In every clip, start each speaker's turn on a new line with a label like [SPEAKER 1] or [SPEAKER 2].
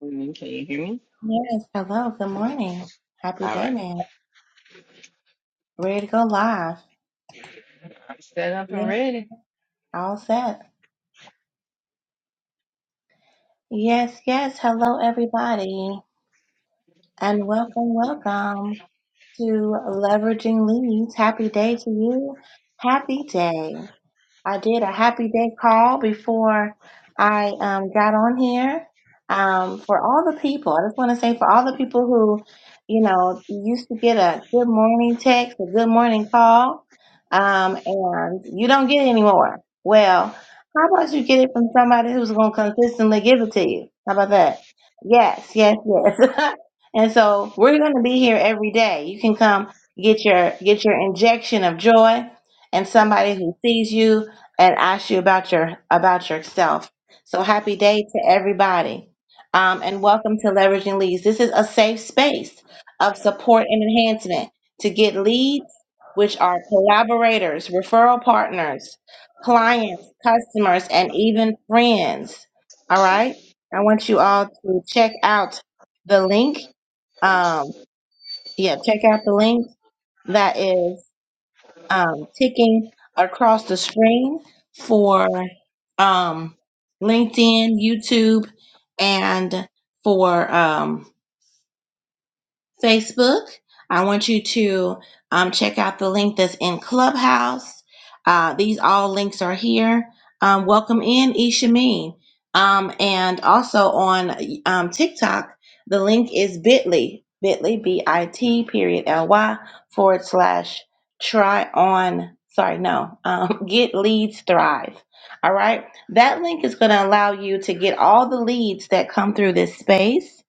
[SPEAKER 1] Morning, Can you hear me?
[SPEAKER 2] Yes, hello, good morning. Happy
[SPEAKER 1] All
[SPEAKER 2] day,
[SPEAKER 1] right.
[SPEAKER 2] man. Ready to go live.
[SPEAKER 1] I'm set up and
[SPEAKER 2] Yeah,
[SPEAKER 1] ready.
[SPEAKER 2] all set. Yes, yes, hello, everybody, and welcome, welcome to Leveraging Leads. Happy day to you. Happy day. I did a happy day call before I um, got on here. Um, for all the people, I just want to say for all the people who, you know, used to get a good morning text, a good morning call, um, and you don't get it anymore. Well, how about you get it from somebody who's going to consistently give it to you? How about that? Yes, yes, yes. and so we're going to be here every day. You can come get your get your injection of joy and somebody who sees you and ask you about your about yourself. So happy day to everybody. Um, and welcome to Leveraging Leads. This is a safe space of support and enhancement to get leads, which are collaborators, referral partners, clients, customers, and even friends. All right. I want you all to check out the link. Um, yeah, check out the link that is um, ticking across the screen for um, LinkedIn, YouTube, and for um, Facebook. I want you to um, check out the link that's in Clubhouse. Uh, these all links are here. Um, welcome in, Ishameen. Um, and also on um, TikTok, the link is bit.ly, bit.ly, B-I-T, period, L-Y, forward slash try on, sorry, no, um, get leads thrive. All right. That link is going to allow you to get all the leads that come through this space.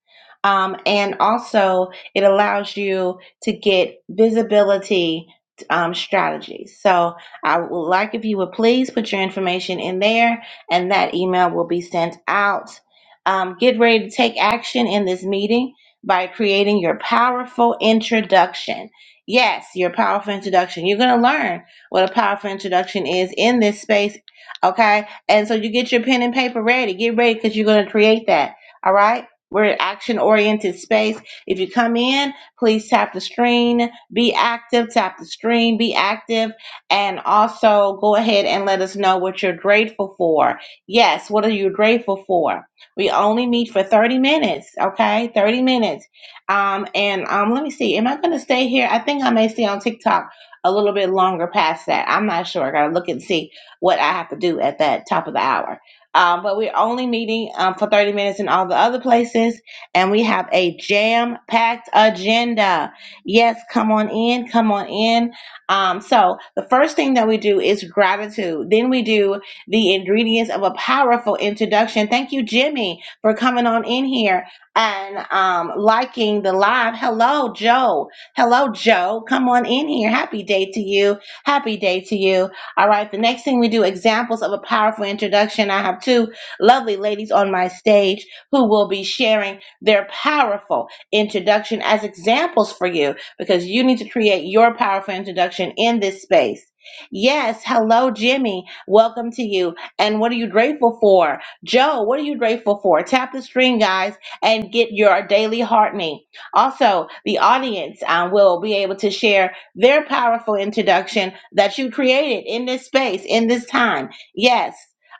[SPEAKER 2] Um, and also, it allows you to get visibility um, strategies. So I would like if you would please put your information in there, and that email will be sent out. Um, get ready to take action in this meeting by creating your powerful introduction. Yes, your powerful introduction. You're going to learn what a powerful introduction is in this space. Okay. And so you get your pen and paper ready. Get ready because you're going to create that. All right. We're an action oriented space. If you come in, please tap the screen, be active, tap the screen, be active, and also go ahead and let us know what you're grateful for. Yes, what are you grateful for? We only meet for 30 minutes, okay? 30 minutes. Um, and um, let me see, am I going to stay here? I think I may stay on TikTok a little bit longer past that. I'm not sure. I got to look and see what I have to do at that top of the hour. Um, but we're only meeting um, for 30 minutes in all the other places and we have a jam packed agenda. Yes, come on in, come on in. Um, so, the first thing that we do is gratitude. Then we do the ingredients of a powerful introduction. Thank you, Jimmy, for coming on in here and um, liking the live. Hello, Joe. Hello, Joe. Come on in here. Happy day to you. Happy day to you. All right, the next thing we do examples of a powerful introduction. I have two lovely ladies on my stage who will be sharing their powerful introduction as examples for you because you need to create your powerful introduction in this space. Yes, hello, Jimmy. Welcome to you. And what are you grateful for? Joe, what are you grateful for? Tap the screen, guys, and get your daily heartening. Also, the audience um, will be able to share their powerful introduction that you created in this space, in this time. Yes.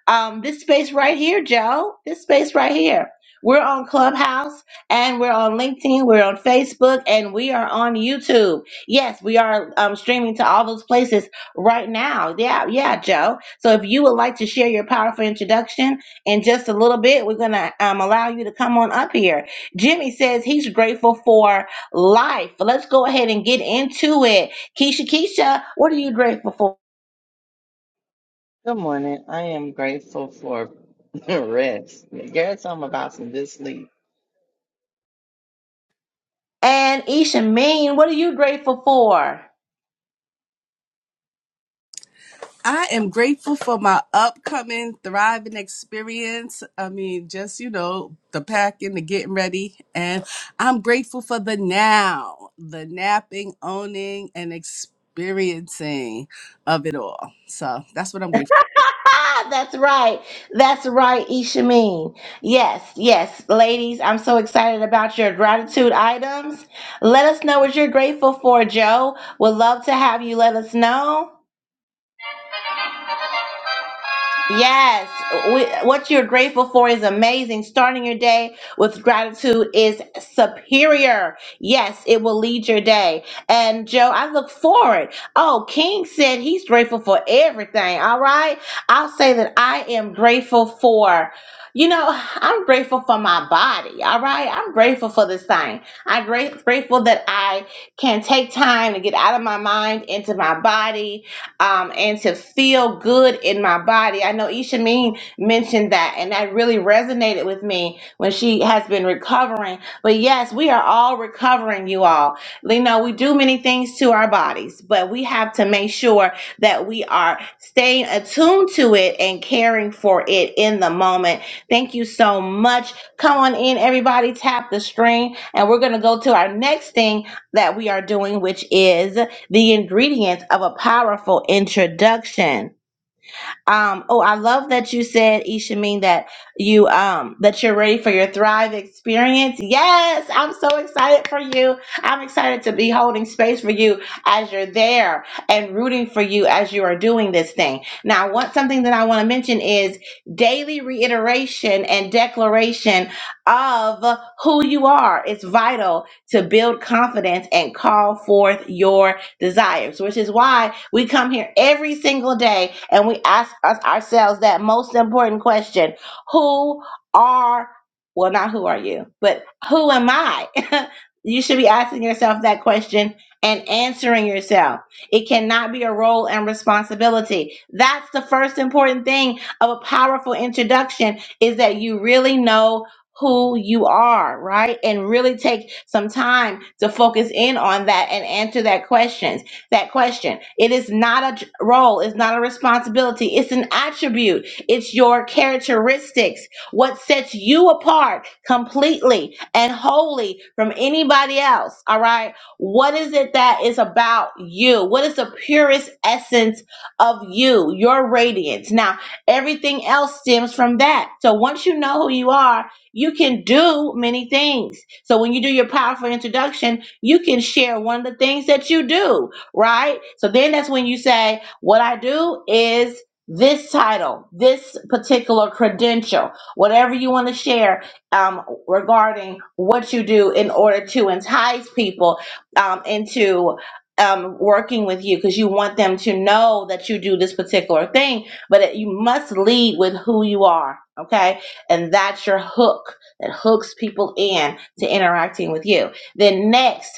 [SPEAKER 2] Um, this space right here, Joe, this space right here. We're on Clubhouse and we're on LinkedIn, we're on Facebook, and we are on YouTube. Yes, we are um, streaming to all those places right now. Yeah, yeah, Joe. So if you would like to share your powerful introduction in just a little bit, we're going to um, allow you to come on up here. Jimmy says he's grateful for life. Let's go ahead and get into it. Keisha, Keisha, what are you grateful for?
[SPEAKER 1] Good morning. I am grateful for rest. Yes, I'm about some good sleep.
[SPEAKER 2] And Isha Mean, what are you grateful for?
[SPEAKER 3] I am grateful for my upcoming thriving experience. I mean, just, you know, the packing, the getting ready. And I'm grateful for the now, the napping, owning, and experiencing of it all. So that's what I'm grateful
[SPEAKER 2] That's right. That's right, Ishameen. Yes, yes. Ladies, I'm so excited about your gratitude items. Let us know what you're grateful for, Joe. Would love to have you let us know. Yes, we, what you're grateful for is amazing. Starting your day with gratitude is superior. Yes, it will lead your day. And Joe, I look forward. Oh, King said he's grateful for everything. All right. I'll say that I am grateful for, you know, I'm grateful for my body. All right. I'm grateful for this thing. I'm great, grateful that I can take time to get out of my mind into my body um, and to feel good in my body. I know Isha Mean mentioned that, and that really resonated with me when she has been recovering. But yes, we are all recovering, you all. You know, we do many things to our bodies, but we have to make sure that we are staying attuned to it and caring for it in the moment. Thank you so much. Come on in, everybody, tap the string, and we're going to go to our next thing that we are doing, which is the ingredients of a powerful introduction. Um, oh, I love that you said, Ishameen, that you um that you're ready for your Thrive experience. Yes, I'm so excited for you. I'm excited to be holding space for you as you're there and rooting for you as you are doing this thing. Now, what something that I want to mention is daily reiteration and declaration of who you are. It's vital to build confidence and call forth your desires, which is why we come here every single day and we ask us ourselves that most important question Who are, well, not who are you, but who am I? you should be asking yourself that question and answering yourself. It cannot be a role and responsibility. That's the first important thing of a powerful introduction is that you really know who you are, right? And really take some time to focus in on that and answer that questions. That question. It is not a j- role, it's not a responsibility, it's an attribute. It's your characteristics, what sets you apart completely and wholly from anybody else, all right? What is it that is about you? What is the purest essence of you, your radiance? Now, everything else stems from that. So once you know who you are, you can do many things. So when you do your powerful introduction, you can share one of the things that you do, right? So then that's when you say, What I do is this title, this particular credential, whatever you want to share um, regarding what you do in order to entice people um, into. Um, working with you because you want them to know that you do this particular thing, but it, you must lead with who you are. Okay and that's your hook that hooks people in to interacting with you. Then next,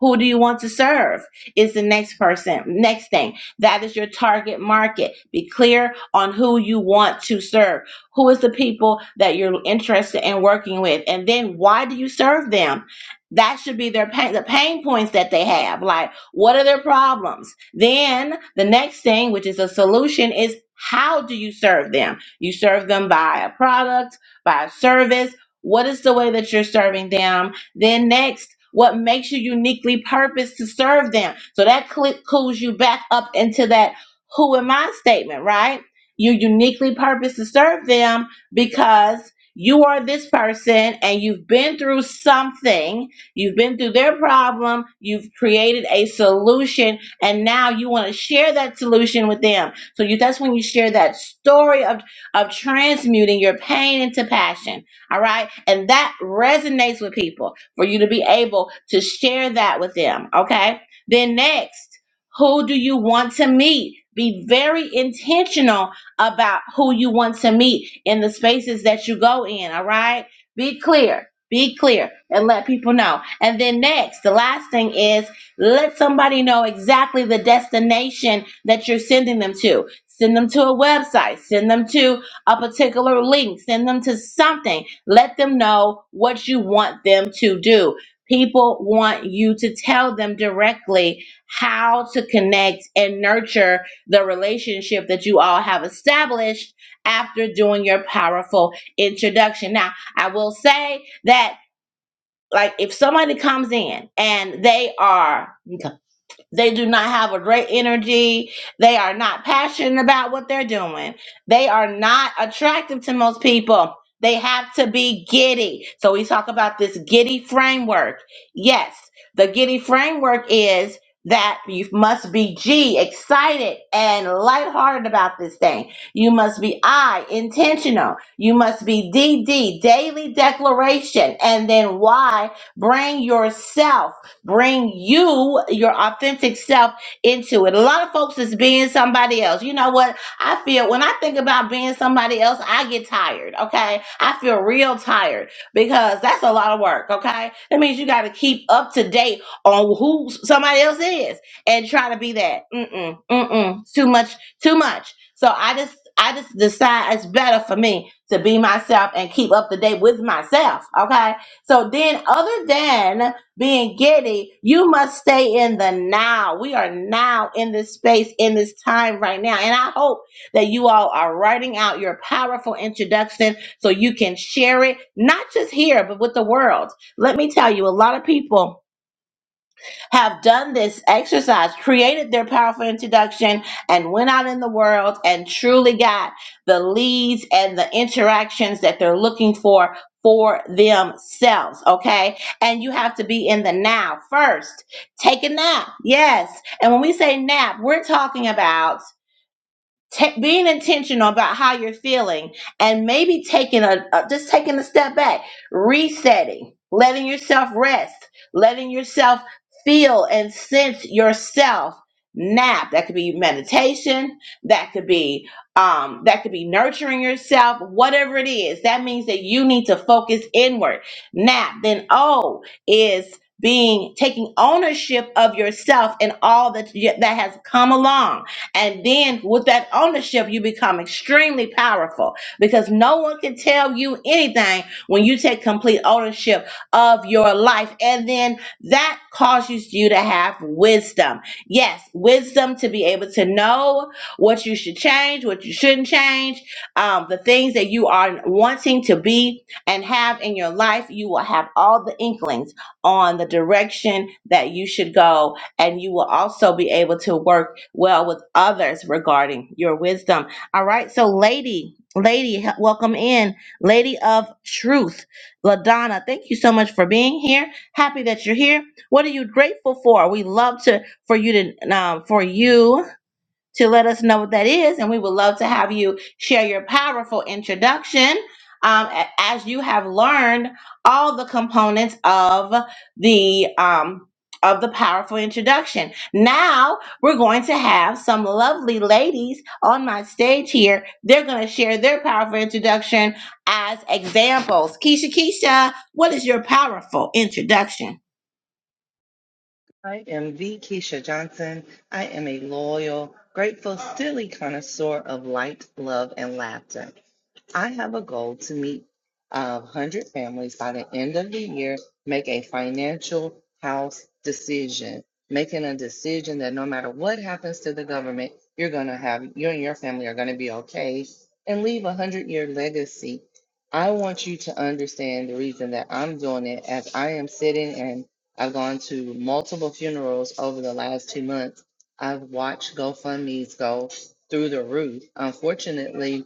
[SPEAKER 2] who do you want to serve? Is the next person. Next thing. That is your target market. Be clear on who you want to serve. Who is the people that you're interested in working with? And then why do you serve them? That should be their pain, the pain points that they have. Like, what are their problems? Then the next thing, which is a solution, is how do you serve them? You serve them by a product, by a service. What is the way that you're serving them? Then next, what makes you uniquely purposed to serve them? So that click cools you back up into that who am I statement, right? You uniquely purposed to serve them because you are this person and you've been through something, you've been through their problem, you've created a solution, and now you want to share that solution with them. So you that's when you share that story of, of transmuting your pain into passion. All right. And that resonates with people for you to be able to share that with them. Okay. Then next, who do you want to meet? Be very intentional about who you want to meet in the spaces that you go in. All right. Be clear. Be clear and let people know. And then next, the last thing is let somebody know exactly the destination that you're sending them to. Send them to a website, send them to a particular link, send them to something let them know what you want them to do. People want you to tell them directly how to connect and nurture the relationship that you all have established after doing your powerful introduction. Now, I will say that, like, if somebody comes in and they are they do not have a great energy. They are not passionate about what they're doing. They are not attractive to most people. They have to be giddy. So we talk about this giddy framework. Yes, the giddy framework is that you must be G, excited and lighthearted about this thing. You must be I, intentional. You must be d d daily declaration. And then Y, bring yourself. Bring you, your authentic self, into it. A lot of folks is being somebody else. You know what? I feel when I think about being somebody else, I get tired. Okay. I feel real tired because that's a lot of work. Okay. That means you got to keep up to date on who somebody else is and try to be that. Mm-mm, mm-mm. Too much, too much. So I just, I just decide it's better for me to be myself and keep up to date with myself. Okay. So then, other than being giddy. You must stay in the now. We are now in this space, in this time right now. And I hope that you all are writing out your powerful introduction so you can share it, not just here, but with the world. Let me tell you, a lot of people have done this exercise, created their powerful introduction, and went out in the world and truly got the leads and the interactions that they're looking for for themselves. Okay. And you have to be in the now first. Take a nap. Yes. And when we say nap, we're talking about Ta- being intentional about how you're feeling and maybe taking a, a just taking a step back resetting letting yourself rest letting yourself feel and sense yourself nap that could be meditation that could be um, that could be nurturing yourself whatever it is that means that you need to focus inward nap then o is being taking ownership of yourself and all that that has come along and then with that ownership, you become extremely powerful because no one can tell you anything when you take complete ownership of your life. And then that causes you to have wisdom. Yes, wisdom to be able to know what you should change, what you shouldn't change, um, the things that you are wanting to be and have in your life. You will have all the inklings on the direction that you should go and you will also be able to work well with others regarding your wisdom. All right. So, lady, lady, welcome in, lady of truth, Ladonna. Thank you so much for being here. Happy that you're here. What are you grateful for? We love to for you to um, for you to let us know what that is. And we would love to have you share your powerful introduction um, a- as you have learned all the components of the. Um, of the powerful introduction. Now we're going to have some lovely ladies on my stage here. They're going to share their powerful introduction as examples. Keisha, Keisha, what is your powerful introduction?
[SPEAKER 1] I am the Keisha Johnson. I am a loyal, grateful, silly connoisseur of light, love, and laughter. I have a goal to meet uh, 100 families by the end of the year, make a financial house decision, making a decision that no matter what happens to the government, you're going to have, you and your family are going to be okay and leave a 100 year legacy. I want you to understand the reason that I'm doing it as I am sitting and I've gone to multiple funerals over the last two months. I've watched GoFundMe's go through the roof. Unfortunately,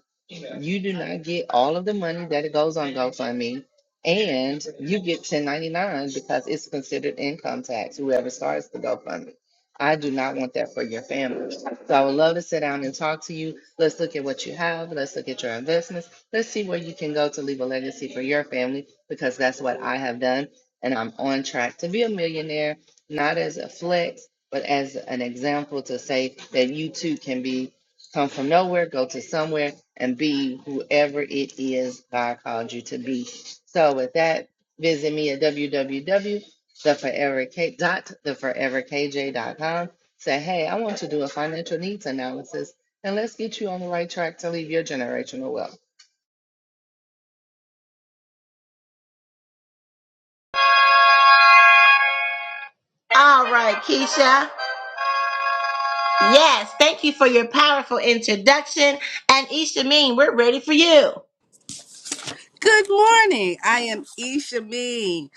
[SPEAKER 1] you do not get all of the money that it goes on GoFundMe, and you get 1099 because it's considered income tax, whoever starts the GoFundMe. I do not want that for your family. So I would love to sit down and talk to you. Let's look at what you have. Let's look at your investments. Let's see where you can go to leave a legacy for your family because that's what I have done. And I'm on track to be a millionaire, not as a flex, but as an example to say that you too can be Come from nowhere, go to somewhere, and be whoever it is God called you to be. So, with that, visit me at w w w dot the forever k dot the forever k j dot com. Say, hey, I want to do a financial needs analysis, and let's get you on the right track to leave your generational wealth.
[SPEAKER 2] All right, Keisha. Yes, thank you for your powerful introduction. And Ishameen, we're ready for you.
[SPEAKER 3] for. Good morning. I am Isha Mean,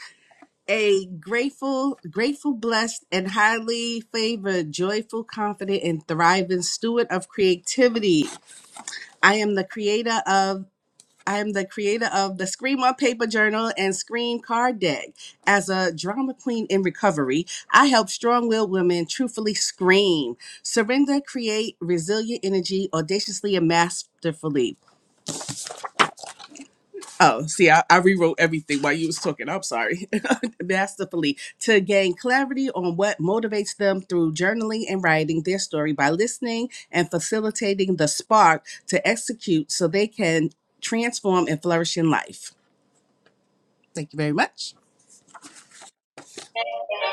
[SPEAKER 3] a grateful, grateful, blessed, and highly favored, joyful, confident, and thriving steward of creativity. I am the creator of I am the creator of the Scream on Paper Journal and Scream Card Deck. As a drama queen in recovery, I help strong willed women truthfully scream, surrender, create resilient energy, audaciously and masterfully. Oh, see, I, I rewrote everything while you was talking. I'm sorry. masterfully to gain clarity on what motivates them through journaling and writing their story by listening and facilitating the spark to execute so they can transform and flourish in life. Thank you very much.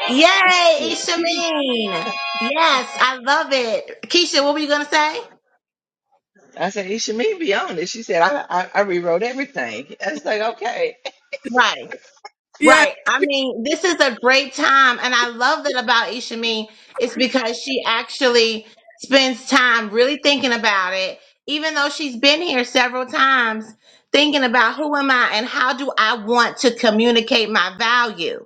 [SPEAKER 2] Yay,
[SPEAKER 1] She, she be,
[SPEAKER 2] Ishameen. Yes, I love it. Keisha, what were you going to say?
[SPEAKER 1] I said, should me be on it. She said, I, I, I rewrote everything. I was like, okay.
[SPEAKER 2] Right,
[SPEAKER 3] Yeah,
[SPEAKER 2] right. I mean, this is a great time. And I love that about Ishameen. It's because she actually spends time really thinking about it, even though she's been here several times, thinking about who am I and how do I want to communicate my value.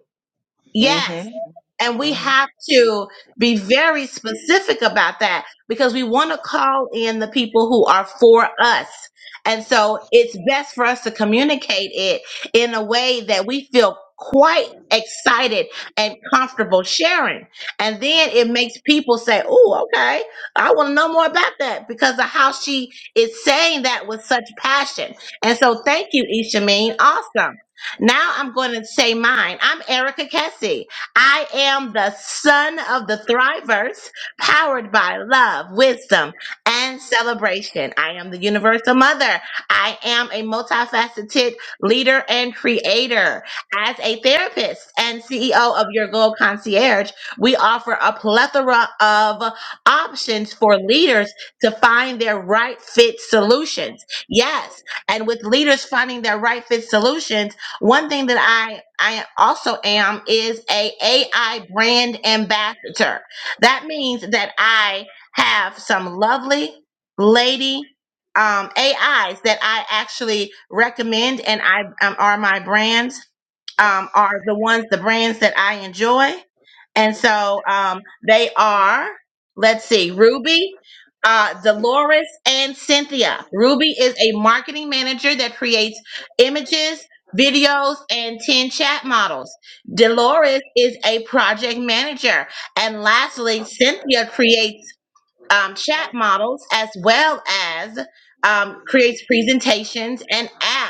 [SPEAKER 2] Yes.
[SPEAKER 1] Mm-hmm.
[SPEAKER 2] And
[SPEAKER 1] hmm
[SPEAKER 2] we
[SPEAKER 1] Can
[SPEAKER 2] have to be very specific about that because we want to call in the people who are for us. And so it's best for us to communicate it in a way that we feel quite excited and comfortable sharing. And then it makes people say, Oh, okay, I want to know more about that because of how she is saying that with such passion. And so thank you, Ishameen. Awesome. Now I'm going to say mine. I'm Erica Kessie. I am the son of the Thrivers, powered by love, wisdom, and celebration. I am the universal mother. I am a multifaceted leader and creator. As a therapist and CEO of Your Goal Concierge, we offer a plethora of options for leaders to find their right fit solutions. Yes. And with leaders finding their right fit solutions, one thing that I I also am is a AI brand ambassador. That means that I have some lovely lady um, AIs that I actually recommend and I um, are my brands um, are the ones, the brands that I enjoy. And so um, they are, let's see, Ruby, uh, Dolores, and Cynthia. Ruby is a marketing manager that creates images, videos, and 10 chat models. Dolores is a project manager. And lastly, Cynthia creates um, chat models as well as um, creates presentations and apps.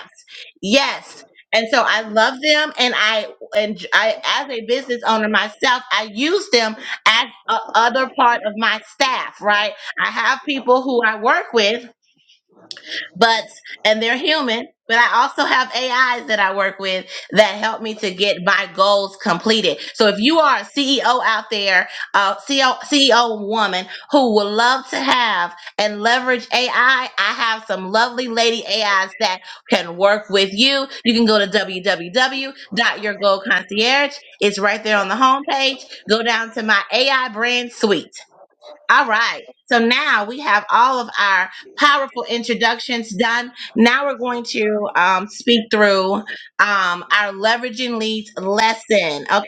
[SPEAKER 2] Yes. And so I love them, and I and I, as a business owner myself, I use them as a other part of my staff. Right, I have people who I work with but and they're human but i also have ais that i work with that help me to get my goals completed so if you are a ceo out there uh, CEO, woman who would love to have and leverage ai i I have some lovely lady ais that can work with you you can go to www. www.yourgoalconcierge it's right there on the homepage go down to my ai brand suite all right. So now we have all of our powerful introductions done. Now we're going to um, speak through um, our leveraging leads lesson. Okay.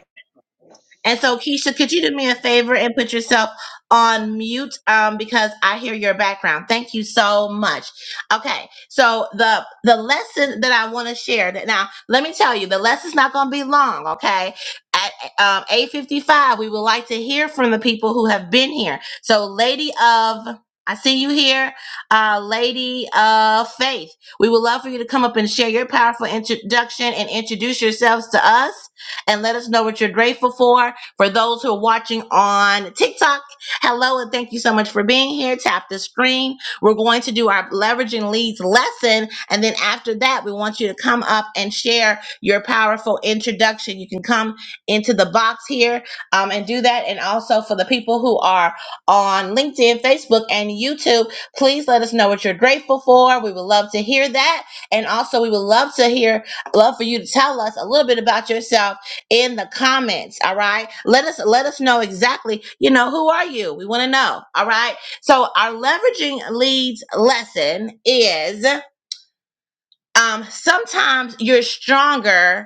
[SPEAKER 2] And so, Keisha, could you do me a favor and put yourself on mute um, because I hear your background. Thank you so much. Okay, so the the lesson that I want to share that now, let me tell you, the lesson's not going to be long. Okay, at um, eight fifty five, we would like to hear from the people who have been here. So, Lady of I see you here, uh, Lady of Faith. We would love for you to come up and share your powerful introduction and introduce yourselves to us and let us know what you're grateful for for those who are watching on TikTok, hello and thank you so much for being here. Tap the screen. We're going to do our leveraging leads lesson. And then after that, we want you to come up and share your powerful introduction. You can come into the box here um, and do that. And also for the people who are on LinkedIn, Facebook, and YouTube, please let us know what you're grateful for. We would love to hear that. And also, we would love to hear, love for you to tell us a little bit about yourself in the comments all right let us let us know exactly you know who are you we want to know all right so our leveraging leads lesson is um sometimes you're stronger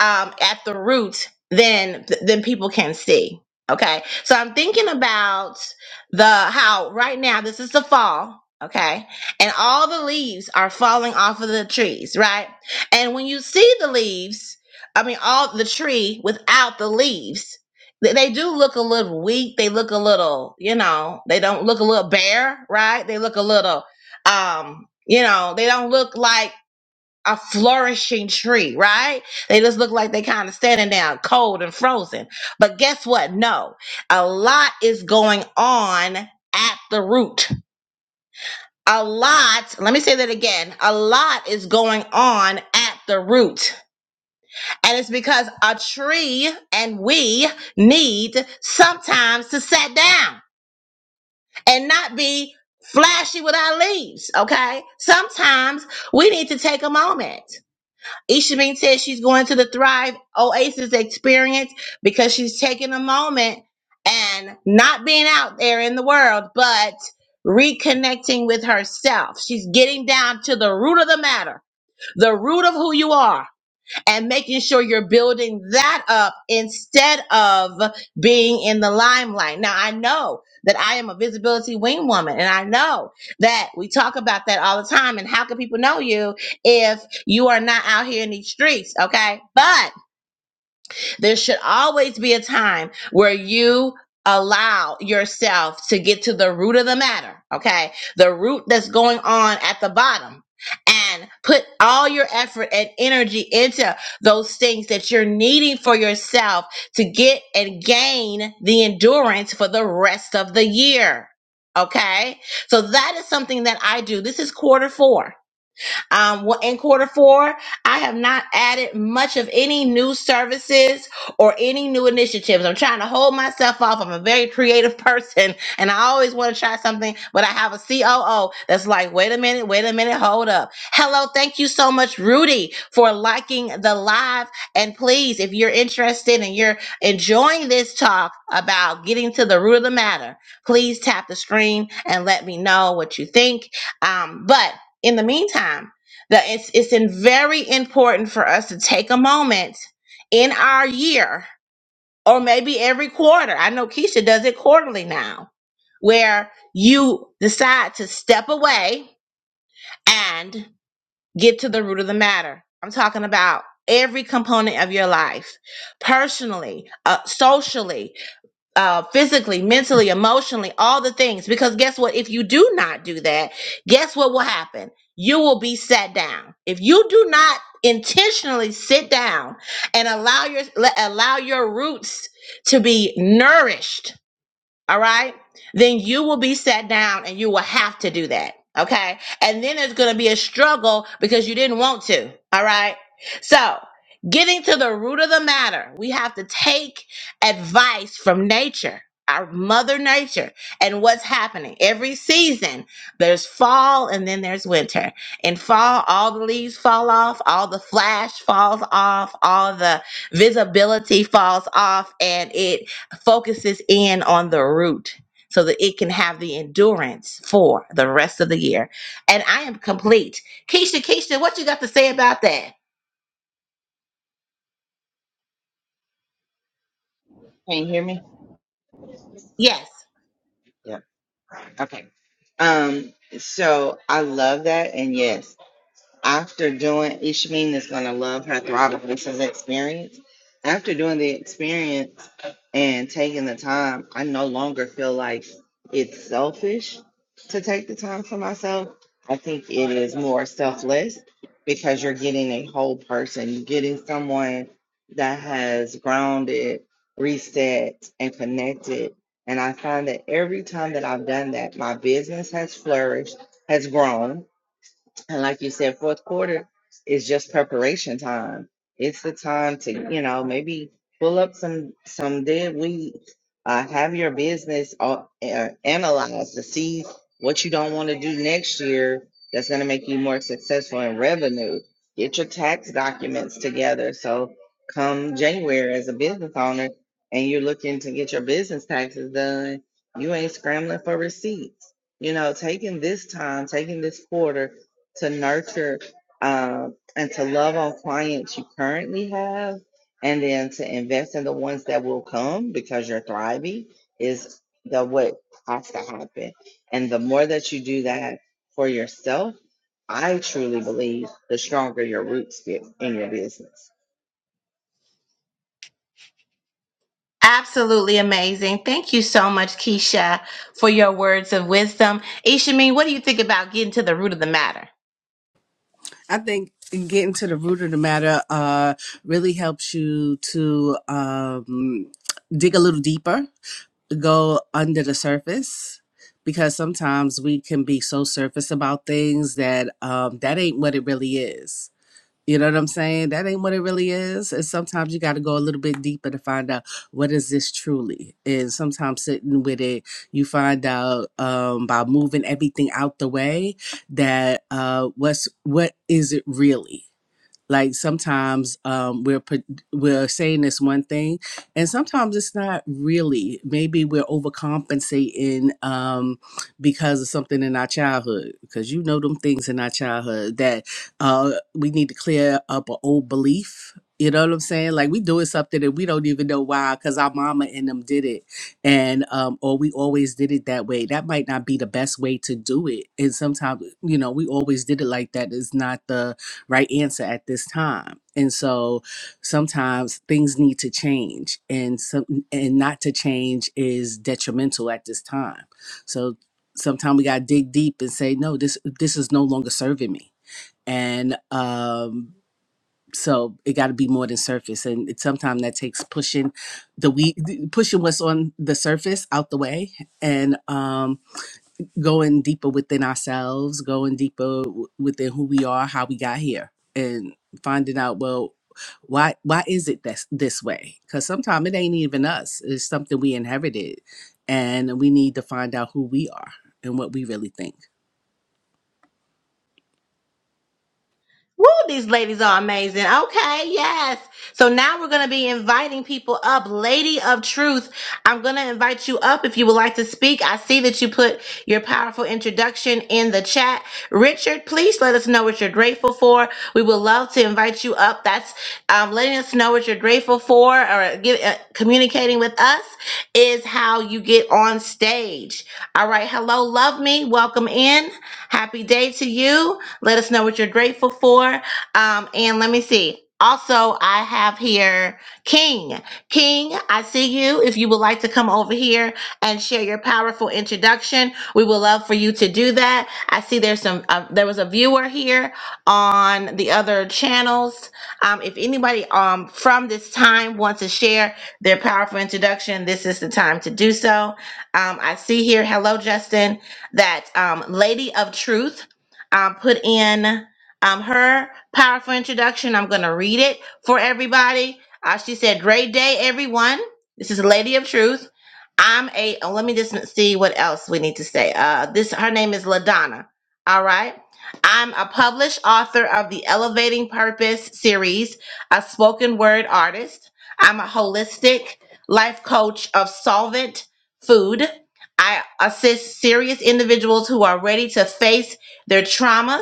[SPEAKER 2] um, at the root, then then people can see. Okay, so I'm thinking about the how right now this is the fall. Okay, and all the leaves are falling off of the trees, right? And when you see the leaves, I mean, all the tree without the leaves, they, they do look a little weak. They look a little, you know, they don't look a little bare, right? They look a little, um, you know, they don't look like a flourishing tree, right? They just look like they kind of standing down cold and frozen. But guess what? No, a lot is going on at the root. A lot, let me say that again. A lot is going on at the root. And it's because a tree and we need sometimes to sit down and not be flashy with our leaves, okay? Sometimes we need to take a moment. Ishamin says she's going to the Thrive Oasis experience because she's taking a moment and not being out there in the world, but reconnecting with herself. She's getting down to the root of the matter, the root of who you are and making sure you're building that up instead of being in the limelight. Now, I know that I am a visibility wing woman, and I know that we talk about that all the time. And how can people know you if you are not out here in these streets? Okay. But there should always be a time where you allow yourself to get to the root of the matter, okay? The root that's going on at the bottom. And put all your effort and energy into those things that you're needing for yourself to get and gain the endurance for the rest of the year. Okay? So that is something that I do. This is quarter four. Um, well, in quarter four, I have not added much of any new services or any new initiatives. I'm trying to hold myself off. I'm a very creative person and I always want to try something, but I have a COO that's like, wait a minute, wait a minute, hold up. Hello, thank you so much, Rudy, for liking the live. And please, if you're interested and you're enjoying this talk about getting to the root of the matter, please tap the screen and let me know what you think. Um, but in the meantime, that it's it's in very important for us to take a moment in our year or maybe every quarter. I know Keisha does it quarterly now, where you decide to step away and get to the root of the matter. I'm talking about every component of your life, personally, uh, socially, uh, physically, mentally, emotionally, all the things. Because guess what? If you do not do that, guess what will happen? You will be sat down. If you do not intentionally sit down and allow your allow your roots to be nourished all right, then you will be sat down and you will have to do that. Okay. And then there's going to be a struggle because you didn't want to. All right. So getting to the root of the matter, we have to take advice from nature. Our mother nature and what's happening every season. There's fall and then there's winter. In fall, all the leaves fall off, all the flash falls off, all the visibility falls off, and it focuses in on the root so that it can have the endurance for the rest of the year. And I am complete. Keisha, Keisha, what you got to say about that?
[SPEAKER 1] you hear me?
[SPEAKER 2] Yes.
[SPEAKER 1] Yeah. Okay. Um, so I love that. And yes. after doing Ishmin is gonna love her throttle versus experience. After doing the experience and taking the time, I no longer feel like it's selfish to take the time for myself. I think it is more selfless because you're getting a whole person. You're getting someone that has grounded, reset, and connected. And I find that every time that I've done that, my business has flourished, has grown and like you said, fourth quarter is just preparation time. It's the time to, you know, maybe pull up some some dead weed, uh, have your business uh, uh, analyzed to see what you don't want to do next year that's going to make you more successful in revenue. Get your tax documents together. So come January as a business owner and you're looking to get your business taxes done, you ain't scrambling for receipts. You know, taking this time, taking this quarter to nurture um, and to love on clients you currently have, and then to invest in the ones that will come because you're thriving is the what has to happen. And the more that you do that for yourself, I truly believe the stronger your roots get in your business.
[SPEAKER 2] Absolutely amazing. Thank you so much, Keisha, for your words of wisdom. Ishameen, what do you think about getting to the root of the matter?
[SPEAKER 3] I think getting to the root of the matter uh, really helps you to um, dig a little deeper, go under the surface, because sometimes we can be so surface about things that um, that ain't what it really is. You know what I'm saying? That ain't what it really is. And sometimes you got to go a little bit deeper to find out what is this truly. And sometimes sitting with it, you find out um, by moving everything out the way that uh, what's what is it really? like sometimes um, we're put- we're saying this one thing and sometimes it's not really maybe we're overcompensating um, because of something in our childhood because you know them things in our childhood that uh, we need to clear up an old belief you know what i'm saying like we doing something that we don't even know why because our mama and them did it and um, or we always did it that way that might not be the best way to do it and sometimes you know we always did it like that is not the right answer at this time and so sometimes things need to change and some and not to change is detrimental at this time so sometimes we got to dig deep and say no this this is no longer serving me and um so it got to be more than surface and it, sometimes that takes pushing the we pushing what's on the surface out the way and um going deeper within ourselves, going deeper w- within who we are, how we got here, and finding out well why why is it this this way? Because sometimes it ain't even us; it's something we inherited, and we need to find out who we are and what we really think.
[SPEAKER 2] Woo, these ladies are amazing. Okay, yes. So now we're going to be inviting people up. Lady of Truth, I'm going to invite you up if you would like to speak. I see that you put your powerful introduction in the chat. Richard, please let us know what you're grateful for. We would love to invite you up. That's um, letting us know what you're grateful for or get, uh, communicating with us is how you get on stage. All right. Hello, love me. Welcome in. Happy day to you. Let us know what you're grateful for. Um, and let me see. Also, I have here King. King, I see you. If you would like to come over here and share your powerful introduction, we would love for you to do that. I see there's some. Uh, there was a viewer here on the other channels. Um, if anybody um from this time wants to share their powerful introduction, this is the time to do so. Um, I see here. Hello, Justin. That um, Lady of Truth um, put in um, her powerful introduction. I'm going to read it for everybody. Uh, she said, Great day, everyone. This is a Lady of Truth. I'm a, oh, let me just see what else we need to say. Uh, this Her name is LaDonna. All right. I'm a published author of the Elevating Purpose series, a spoken word artist. I'm a holistic life coach of solvent food. I assist serious individuals who are ready to face their traumas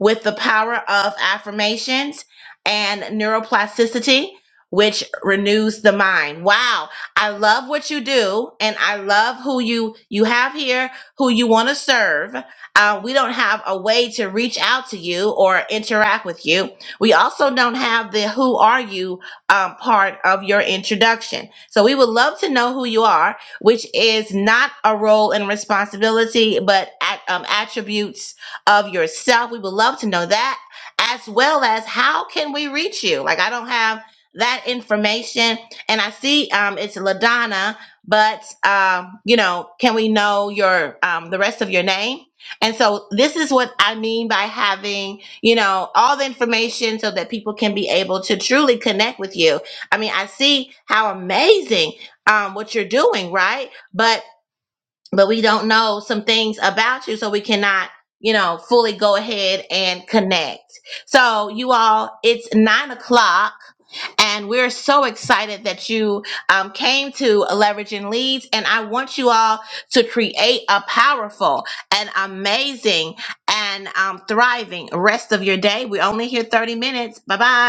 [SPEAKER 2] with the power of affirmations and neuroplasticity, which renews the mind. Wow. I love what you do and I love who you you have here, who you want to serve. Uh, we don't have a way to reach out to you or interact with you. We also don't have the who are you um, part of your introduction. So we would love to know who you are, which is not a role and responsibility, but at, um, attributes of yourself. We would love to know that, as well as how can we reach you? Like I don't have that information, and I see um, it's Ladonna, but um, you know, can we know your um, the rest of your name? And so this is what I mean by having, you know, all the information so that people can be able to truly connect with you. I mean, I see how amazing um, what you're doing, right? But but we don't know some things about you, so we cannot, you know, fully go ahead and connect. So, you all, it's nine o'clock, and we're so excited that you um, came to Leveraging Leads. And I want you all to create a powerful and amazing and um, thriving rest of your day. We're only here 30 minutes. Bye bye.